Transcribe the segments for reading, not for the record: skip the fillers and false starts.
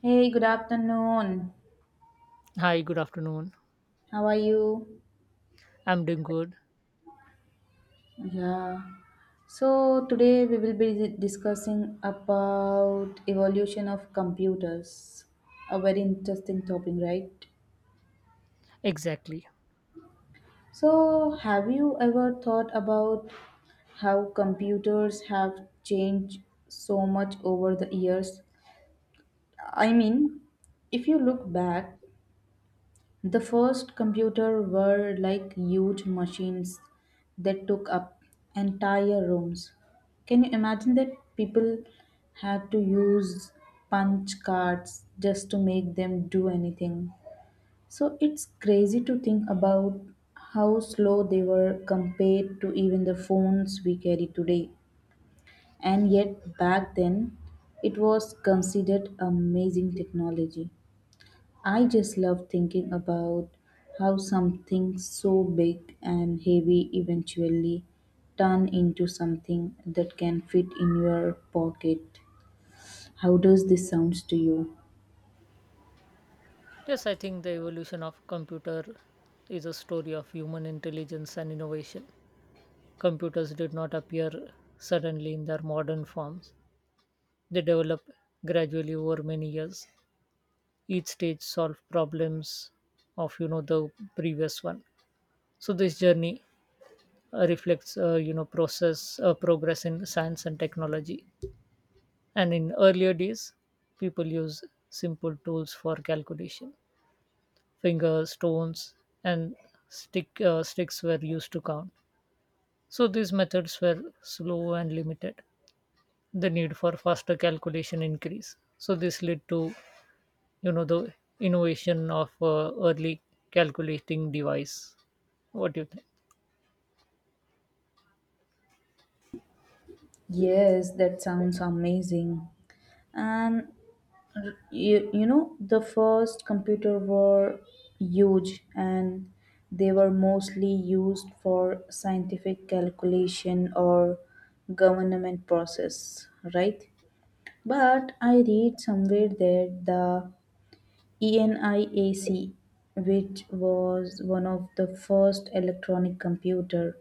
Hey, good afternoon. Hi, good afternoon. How are you? I'm doing good. Yeah. So today we will be discussing about evolution of computers. A very interesting topic, right? Exactly. So have you ever thought about how computers have changed so much over the years? I mean, if you look back, the first computer were like huge machines that took up entire rooms. Can you imagine that people had to use punch cards just to make them do anything? So it's crazy to think about how slow they were compared to even the phones we carry today. And yet back then it was considered amazing technology. I just love thinking about how something so big and heavy eventually turn into something that can fit in your pocket. How does this sounds to you? Yes, I think the evolution of computer is a story of human intelligence and innovation. Computers did not appear suddenly in their modern forms. They developed gradually over many years. Each stage solved problems of the previous one. So this journey reflects process progress in science and technology. And in earlier days, people used simple tools for calculation. Finger, stones, and sticks were used to count. So these methods were slow and limited. The need for faster calculation increased. So this led to the innovation of early calculating device. What do you think? Yes, that sounds amazing. And you, you know, the first computer were huge and they were mostly used for scientific calculation or government process, right? But I read somewhere that the ENIAC, which was one of the first electronic computer,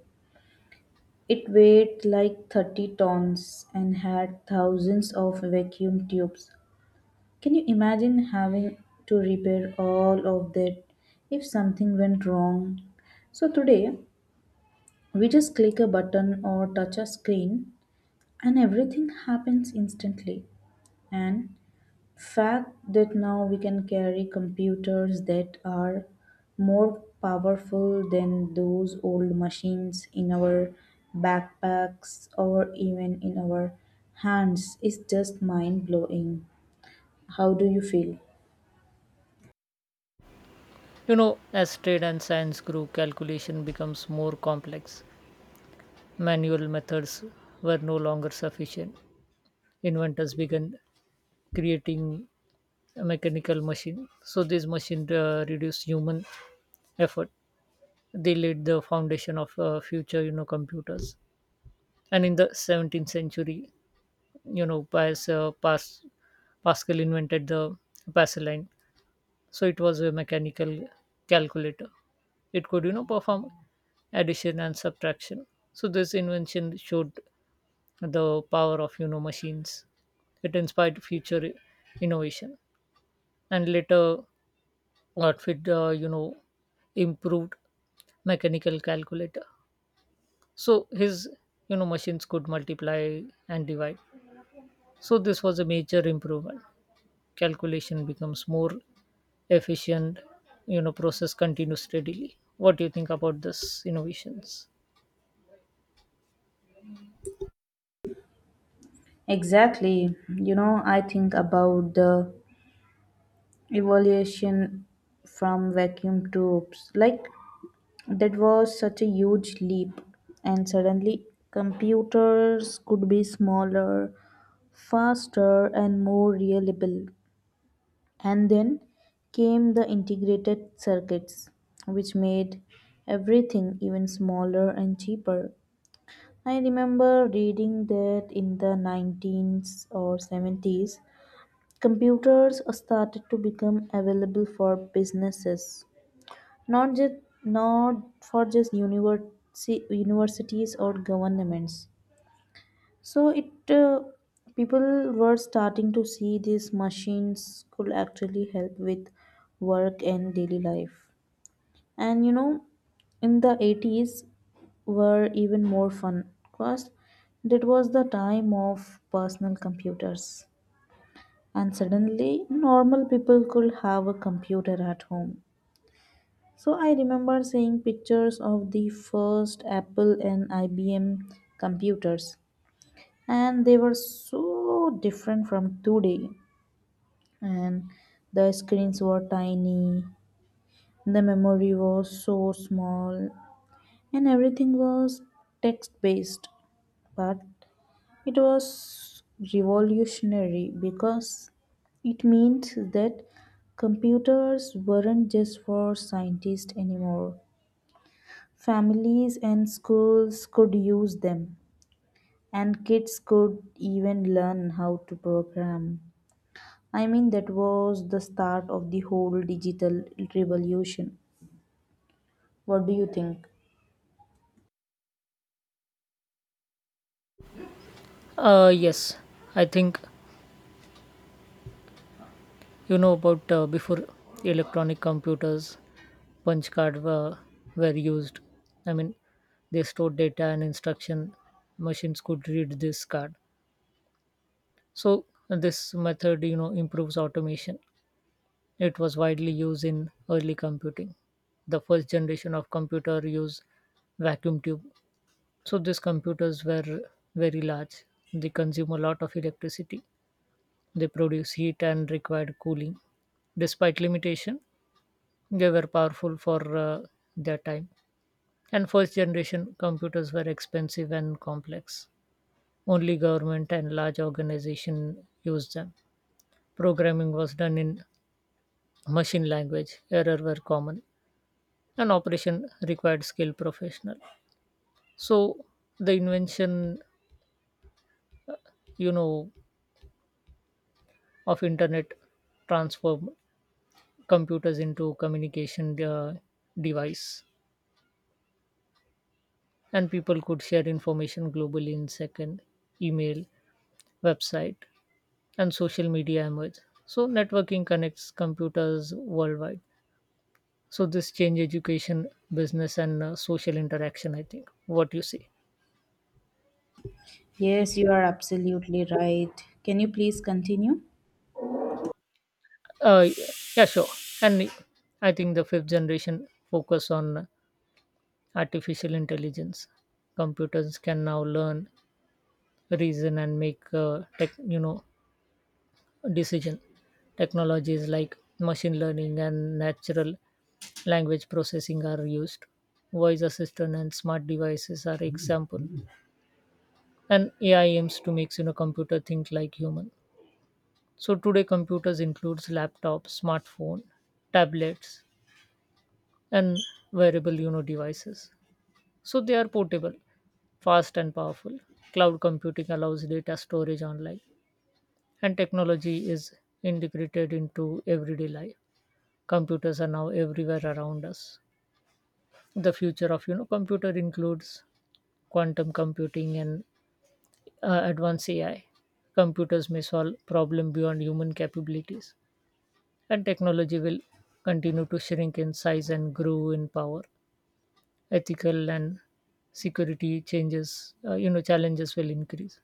it weighed like 30 tons and had thousands of vacuum tubes. Can you imagine having to repair all of that if something went wrong? So today, we just click a button or touch a screen and everything happens instantly. And fact that now we can carry computers that are more powerful than those old machines in our backpacks or even in our hands is just mind blowing. How do you feel? You know, as trade and science grew, calculation becomes more complex. Manual methods were no longer sufficient. Inventors began creating a mechanical machine. So this machine reduced human effort. They laid the foundation of future, you know, computers. And in the 17th century, you know, Pas, uh, Pas, Pascal invented the Pascaline. So it was a mechanical calculator. It could, you know, perform addition and subtraction. So this invention showed the power of, you know, machines. It inspired future innovation. And later, you know, improved mechanical calculator, so his, you know, machines could multiply and divide. So this was a major improvement. Calculation becomes more efficient. You know, process continues steadily. What do you think about this innovations? Exactly. You know, I think about the evolution from vacuum tubes. Like, that was such a huge leap, and suddenly computers could be smaller, faster, and more reliable. And then came the integrated circuits, which made everything even smaller and cheaper. I remember reading that in the 19s or 70s, computers started to become available for businesses, not just not for just university universities or governments. So it people were starting to see these machines could actually help with work and daily life. And you know, in the 80s were even more fun because that was the time of personal computers, and suddenly normal people could have a computer at home. So I remember seeing pictures of the first Apple and IBM computers, and they were so different from today. And the screens were tiny, the memory was so small, and everything was text based. But it was revolutionary because it meant that computers weren't just for scientists anymore. Families and schools could use them, and kids could even learn how to program. I mean, that was the start of the whole digital revolution. What do you think? Yes, I think, you know, about before electronic computers, punch card were, were used. I mean, they stored data and instruction. Machines could read this card. So this method, you know, improves automation. It was widely used in early computing. The first generation of computer used vacuum tube. So these computers were very large. They consume a lot of electricity. They produce heat and required cooling. Despite limitation, they were powerful for their time. And first generation computers were expensive and complex. Only government and large organization used them. Programming was done in machine language. Error were common, an operation required skilled professional. So the invention, you know, of internet transformed computers into communication device, and people could share information globally in second. Email, website, and social media emerged. So networking connects computers worldwide. So this change education, business, and social interaction, I think. What you see? Yes, you are absolutely right. Can you please continue? uh, yeah, sure. And I think the fifth generation focus on artificial intelligence. Computers can now learn, reason, and make tech you know, decision. Technologies like machine learning and natural language processing are used. Voice assistant and smart devices are example. And AI aims to make, you know, computer think like human. So today computers includes laptops, smartphone, tablets, and wearable, you know, devices. So they are portable, fast, and powerful. Cloud computing allows data storage online, and technology is integrated into everyday life. Computers are now everywhere around us. The future of, you know, computer includes quantum computing and advanced AI. Computers may solve problem beyond human capabilities, and technology will continue to shrink in size and grow in power. Ethical and security changes, you know, challenges will increase.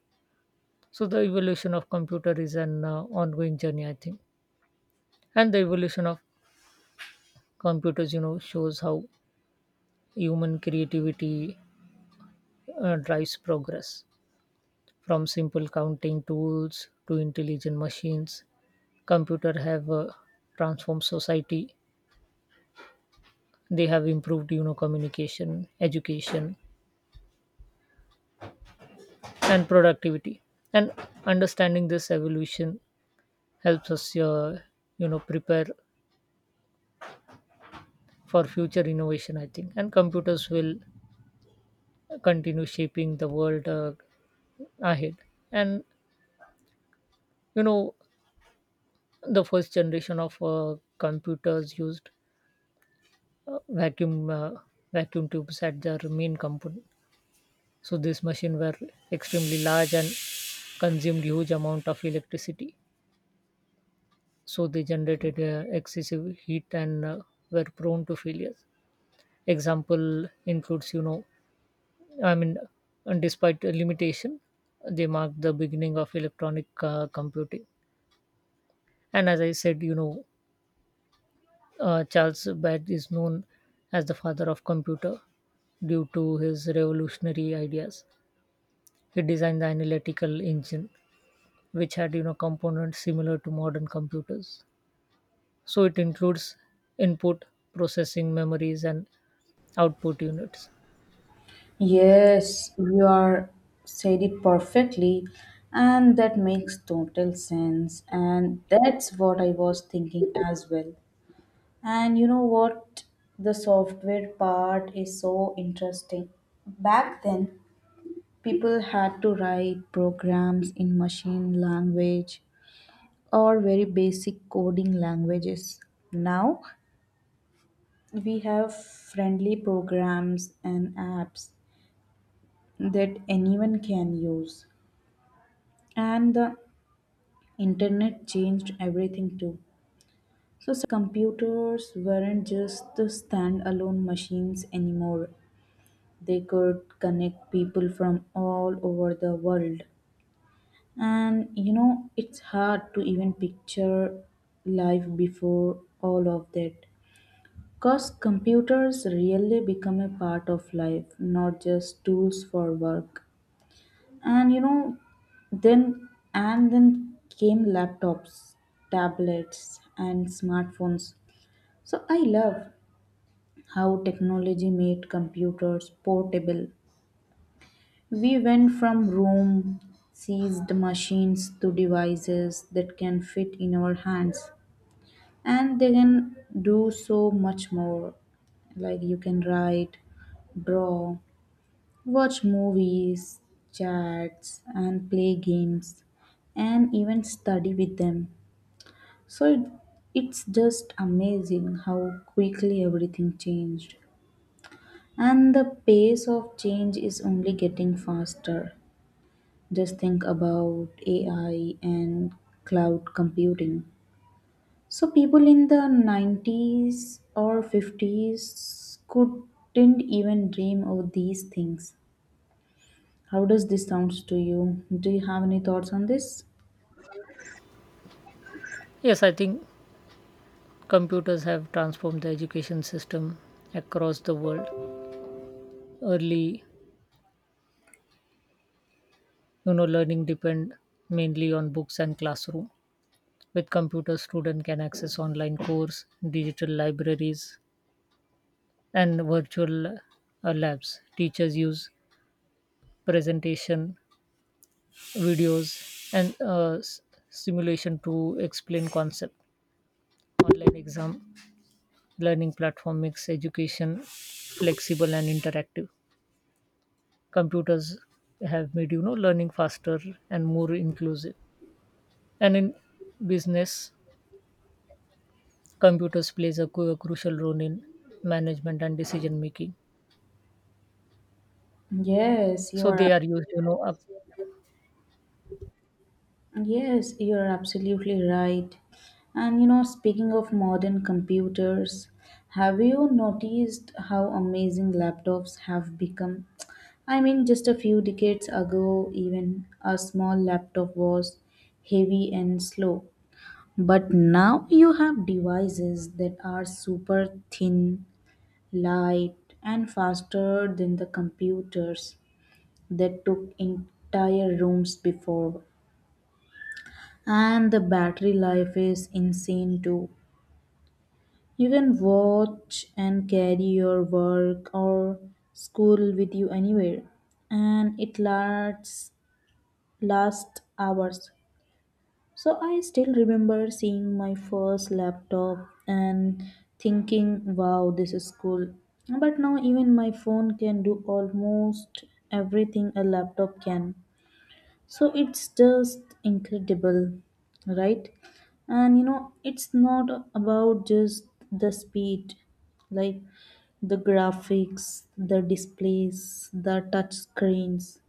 So the evolution of computer is an ongoing journey, I think. And the evolution of computers, you know, shows how human creativity drives progress. From simple counting tools to intelligent machines, computer have transformed society. They have improved, you know, communication, education, and productivity. And understanding this evolution helps us, you know, prepare for future innovation, I think. And computers will continue shaping the world ahead. And you know, the first generation of computers used uh, vacuum uh, vacuum tubes at their main component. So these machines were extremely large and consumed huge amount of electricity. So they generated excessive heat and were prone to failures. Example includes, you know, I mean, and despite the limitation, they marked the beginning of electronic computing. And as I said, you know, Charles Babbage is known as the father of computer due to his revolutionary ideas. He designed the analytical engine, which had, you know, components similar to modern computers. So it includes input, processing, memories, and output units. Yes, you are said it perfectly, and that makes total sense. And that's what I was thinking as well. And you know what? The software part is so interesting. Back then, people had to write programs in machine language or very basic coding languages. Now, we have friendly programs and apps that anyone can use. And the internet changed everything too. So, computers weren't just the standalone machines anymore. They could connect people from all over the world, and you know, it's hard to even picture life before all of that because computers really become a part of life, not just tools for work. And you know, then then came laptops, tablets and smartphones. So I love how technology made computers portable. We went from room seized machines to devices that can fit in our hands, and they can do so much more. Like you can write, draw, watch movies, chats, and play games, and even study with them. So it's just amazing how quickly everything changed. And the pace of change is only getting faster. Just think about AI and cloud computing. So people in the 90s or 50s couldn't even dream of these things. How does this sound to you? Do you have any thoughts on this? Yes, I think computers have transformed the education system across the world. Early, you know, learning depend mainly on books and classroom. With computers, students can access online course, digital libraries, and virtual labs. Teachers use presentation, videos, and simulation to explain concept. Online exam learning platform makes education flexible and interactive. Computers have made, you know, learning faster and more inclusive. And in business, computers plays a a crucial role in management and decision making. Yes, you So are they are used, you know. Yes, you're absolutely right. And you know, speaking of modern computers, have you noticed how amazing laptops have become? I mean, just a few decades ago, even a small laptop was heavy and slow. But now you have devices that are super thin, light, and faster than the computers that took entire rooms before, and the battery life is insane too. You can watch and carry your work or school with you anywhere, and it lasts last hours. So I still remember seeing my first laptop and thinking, "Wow, this is cool." But now even my phone can do almost everything a laptop can. So it's just incredible, right? And you know, it's not about just the speed, like the graphics, the displays, the touch screens,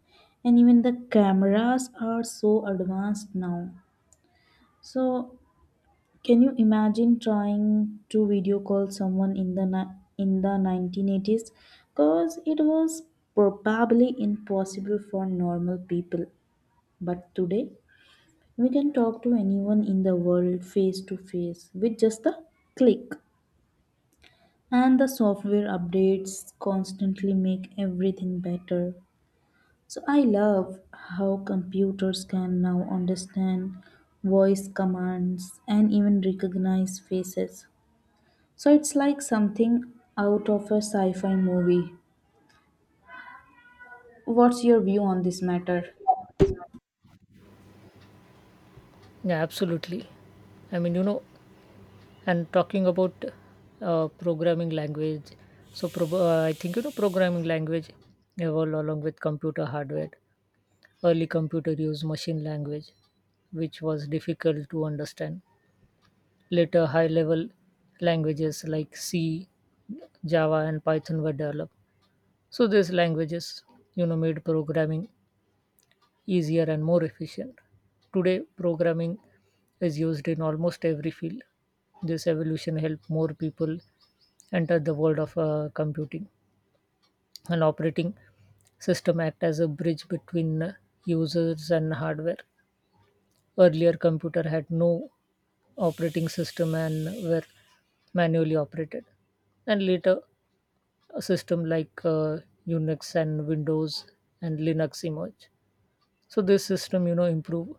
and even the cameras are so advanced now. So, can you imagine trying to video call someone in the in the 1980s? Because it was probably impossible for normal people. But today, we can talk to anyone in the world face to face with just a click. And the software updates constantly make everything better. So I love how computers can now understand voice commands and even recognize faces. So it's like something out of a sci fi movie. What's your view on this matter? Yeah, absolutely. I mean, you know, and talking about programming language, so I think, you know, programming language evolved along with computer hardware. Early computer used machine language, which was difficult to understand. Later, high-level languages like C, Java, and Python were developed. So these languages, you know, made programming easier and more efficient. Today, programming is used in almost every field. This evolution helped more people enter the world of computing. An operating system act as a bridge between users and hardware. Earlier, computer had no operating system and were manually operated. And later, a system like Unix and Windows and Linux emerged. So this system, you know, improve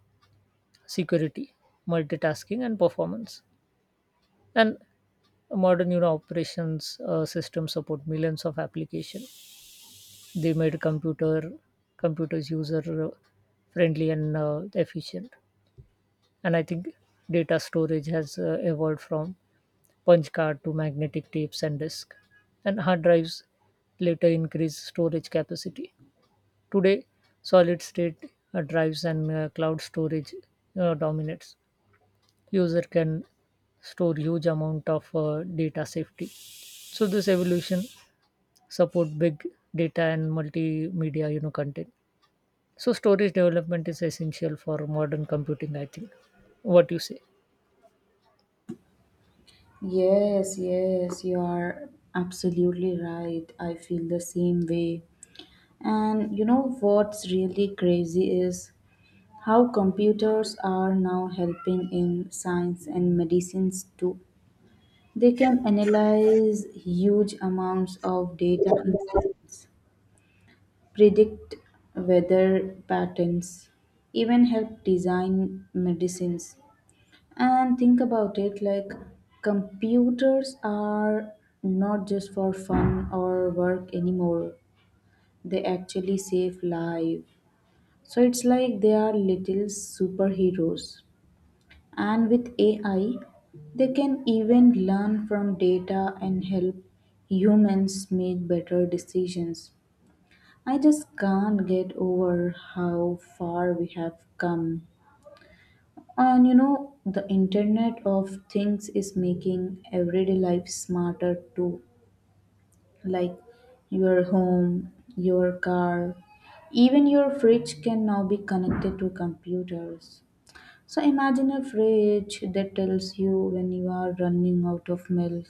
security, multitasking, and performance. And modern, you know, operations systems support millions of applications. They made computers user friendly and efficient. And I think data storage has evolved from punch card to magnetic tapes and disk. And hard drives later increased storage capacity. Today, solid state drives and cloud storage dominates. User can store huge amount of data safety. So this evolution support big data and multimedia, you know, content. So storage development is essential for modern computing, I think. What you say? Yes, yes, you are absolutely right. I feel the same way. And you know what's really crazy is how computers are now helping in science and medicines too. They can analyze huge amounts of data in seconds, predict weather patterns, even help design medicines. And think about it like computers are not just for fun or work anymore, they actually save lives. So it's like they are little superheroes. And with AI, they can even learn from data and help humans make better decisions. I just can't get over how far we have come. And you know, the Internet of Things is making everyday life smarter too, like your home, your car, even your fridge can now be connected to computers. So imagine a fridge that tells you when you are running out of milk,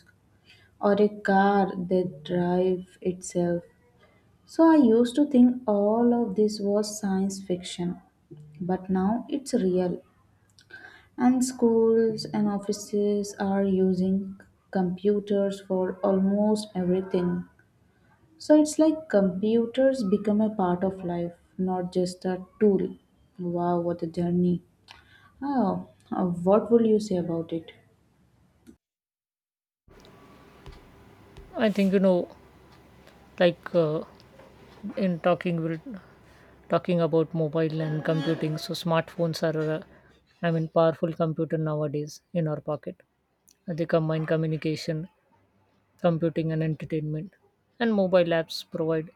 or a car that drives itself. So I used to think all of this was science fiction, but now it's real. And schools and offices are using computers for almost everything. So it's like computers become a part of life, not just a tool. Wow, what a journey. Oh, what will you say about it? I think, you know, like in talking we're talking about mobile and computing. So smartphones are I mean, powerful computer nowadays in our pocket. They combine communication, computing, and entertainment. And mobile apps provide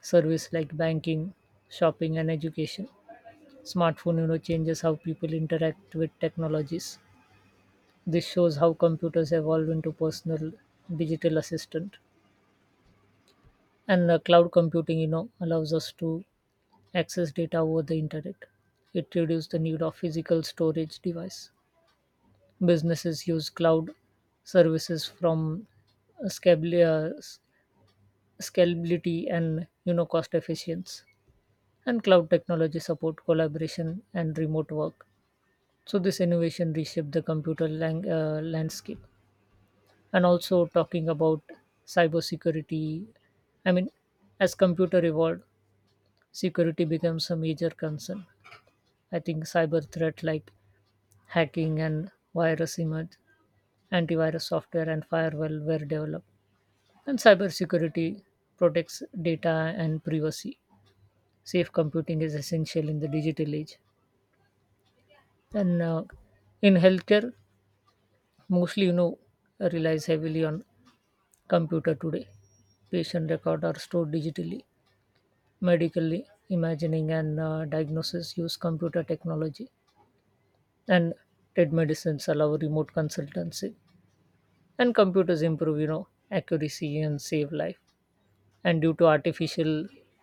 service like banking, shopping, and education. Smartphone, you know, changes how people interact with technologies. This shows how computers evolve into personal digital assistant. And cloud computing, you know, allows us to access data over the internet. It reduces the need of physical storage device. Businesses use cloud services from scabil- uh, s- scalability and, you know, cost efficiency. And cloud technology support collaboration and remote work. So this innovation reshaped the computer landscape. And also talking about cybersecurity, I mean, as computer evolved, security becomes a major concern. I think cyber threat like hacking and virus emerged, antivirus software and firewall were developed. And cybersecurity protects data and privacy. Safe computing is essential in the digital age. And in healthcare, mostly, you know, relies heavily on computer today. Patient record are stored digitally. Medically imagining and diagnosis use computer technology. And trade medicines allow remote consultancy, and computers improve, you know, accuracy and save life. And due to artificial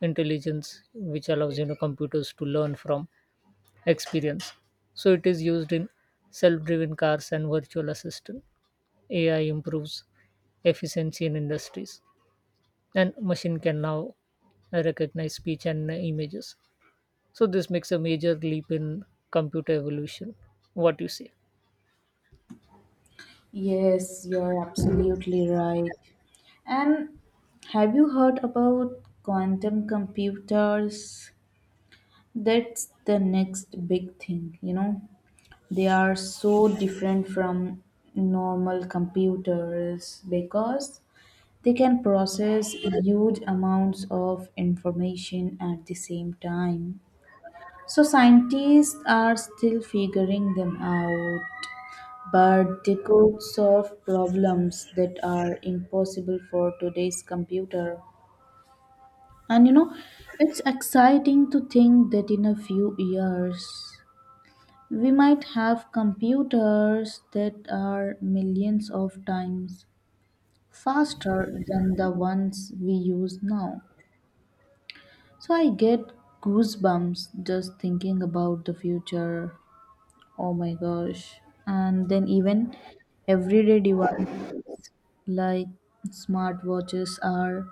intelligence, which allows, you know, computers to learn from experience, so it is used in self-driven cars and virtual assistant. AI improves efficiency in industries, and machine can now recognize speech and images. So this makes a major leap in computer evolution. What do you say? Yes, you're absolutely right. And have you heard about quantum computers? That's the next big thing, you know. They are so different from normal computers because they can process huge amounts of information at the same time. So scientists are still figuring them out. But they could solve problems that are impossible for today's computer. And you know, it's exciting to think that in a few years, we might have computers that are millions of times faster than the ones we use now. So I get goosebumps just thinking about the future. Oh my gosh. And then even everyday device like smartwatches are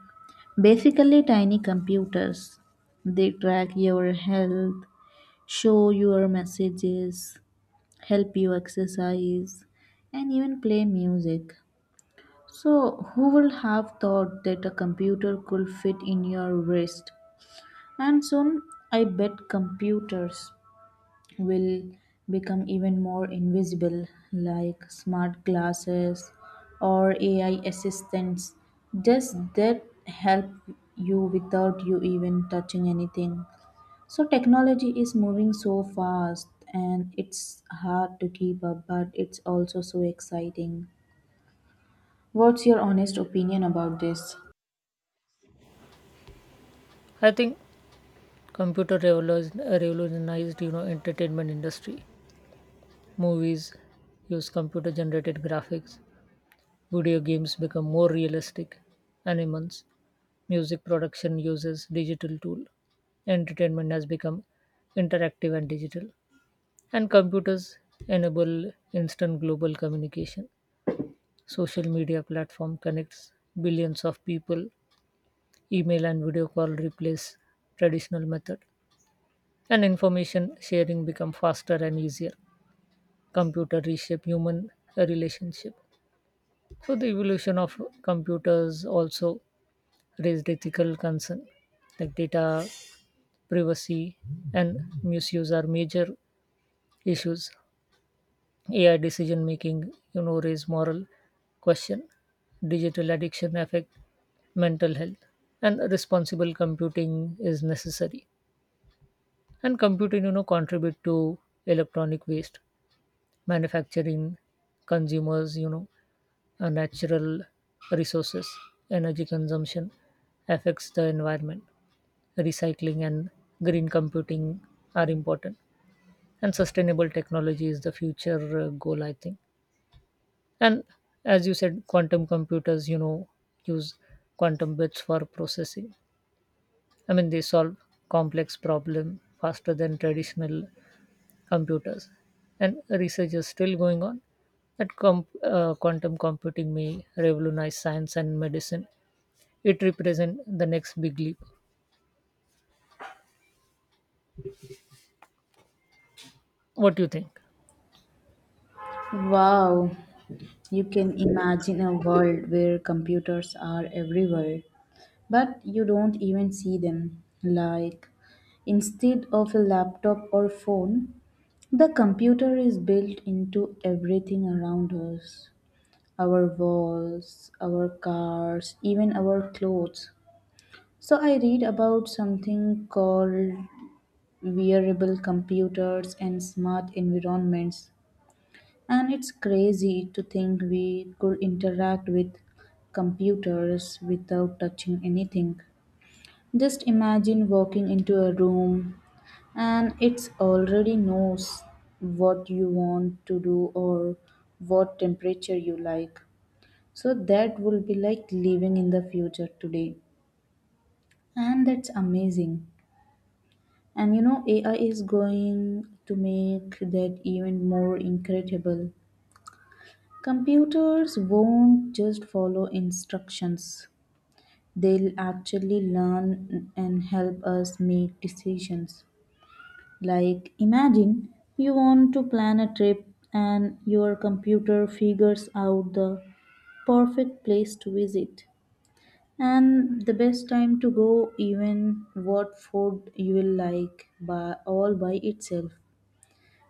basically tiny computers. They track your health, show your messages, help you exercise, and even play music. So, who would have thought that a computer could fit in your wrist? And soon, I bet computers will become even more invisible, like smart glasses or AI assistants. Just that help you without you even touching anything. So, technology is moving so fast and it's hard to keep up, but it's also so exciting. What's your honest opinion about this? I think revolutionized, you know, entertainment industry. Movies use computer generated graphics. Video games become more realistic animals. Music production uses digital tool. Entertainment has become interactive and digital. And computers enable instant global communication. Social media platform connects billions of people. Email and video call replace traditional method. And information sharing become faster and easier. Computer reshape human relationship. So the evolution of computers also raised ethical concern, like data privacy and misuse are major issues. AI decision making, you know, raise moral question, digital addiction affect mental health, and responsible computing is necessary. And computing, you know, contribute to electronic waste, manufacturing, consumers, you know, natural resources, energy consumption affects the environment. Recycling and green computing are important, and sustainable technology is the future goal, I think. And as you said, quantum computers, you know, use quantum bits for processing. I mean, they solve complex problem faster than traditional computers, and research is still going on that quantum computing may revolutionize science and medicine. It represents the next big leap. What do you think? Wow, you can imagine a world where computers are everywhere but you don't even see them. Like, instead of a laptop or phone, the computer is built into everything around us, our walls, our cars, even our clothes. So, I read about something called wearable computers and smart environments. And it's crazy to think we could interact with computers without touching anything. Just imagine walking into a room and it's already knows what you want to do or what temperature you like. So that will be like living in the future today. And that's amazing. And you know, AI is going to make that even more incredible. Computers won't just follow instructions, they'll actually learn and help us make decisions. Like, imagine you want to plan a trip and your computer figures out the perfect place to visit and the best time to go, even what food you will like by all by itself.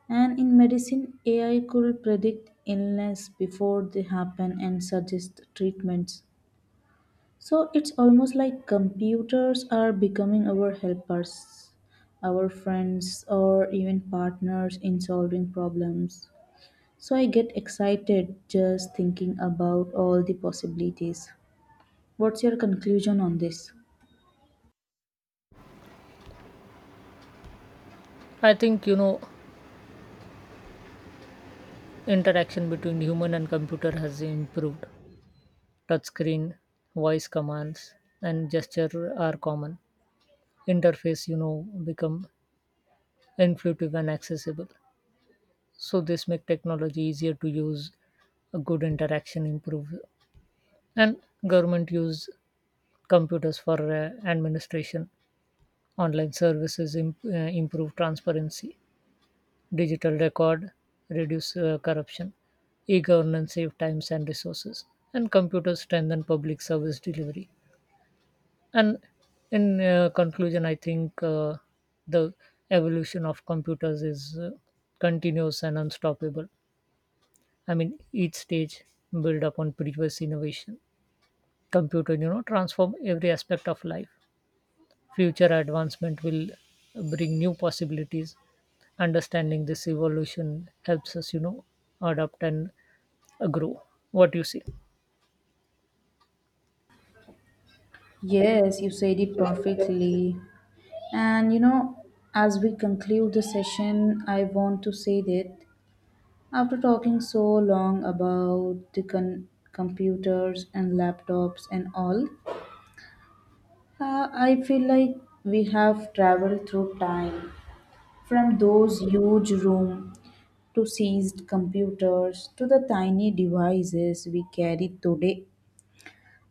And in medicine, AI could predict illness before they happen and suggest treatments. So it's almost like computers are becoming our helpers, our friends, or even partners in solving problems. So I get excited just thinking about all the possibilities. What's your conclusion on this? I think, you know, interaction between human and computer has improved. Touchscreen, voice commands, and gesture are common. Interface, you know, become intuitive and accessible. So this make technology easier to use. A good interaction improve. And government use computers for administration. Online services improve transparency. Digital record reduce corruption. E-governance save times and resources, and computers strengthen public service delivery. And in conclusion, I think, the evolution of computers is continuous and unstoppable. I mean, each stage build upon previous innovation. Computer, you know, transform every aspect of life. Future advancement will bring new possibilities. Understanding this evolution helps us, you know, adapt and grow. What do you see? Yes, you said it perfectly. And you know, as we conclude the session, I want to say that after talking so long about the computers and laptops and all, I feel like we have traveled through time from those huge rooms to seized computers to the tiny devices we carry today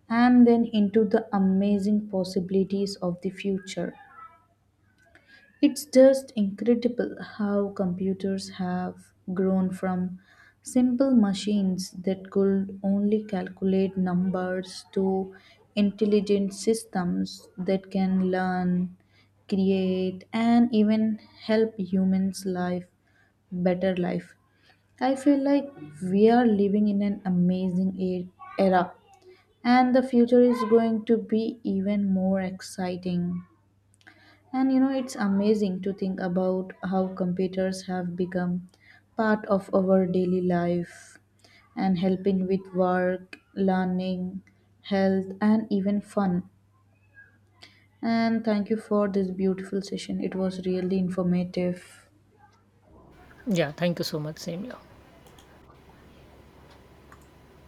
and then into the amazing possibilities of the future. It's just incredible how computers have grown from simple machines that could only calculate numbers to intelligent systems that can learn, create, and even help humans live better life. I feel like we are living in an amazing era, and the future is going to be even more exciting. And you know, it's amazing to think about how computers have become part of our daily life and helping with work, learning, health, and even fun. And thank you for this beautiful session. It was really informative. Yeah, thank you so much. Same here.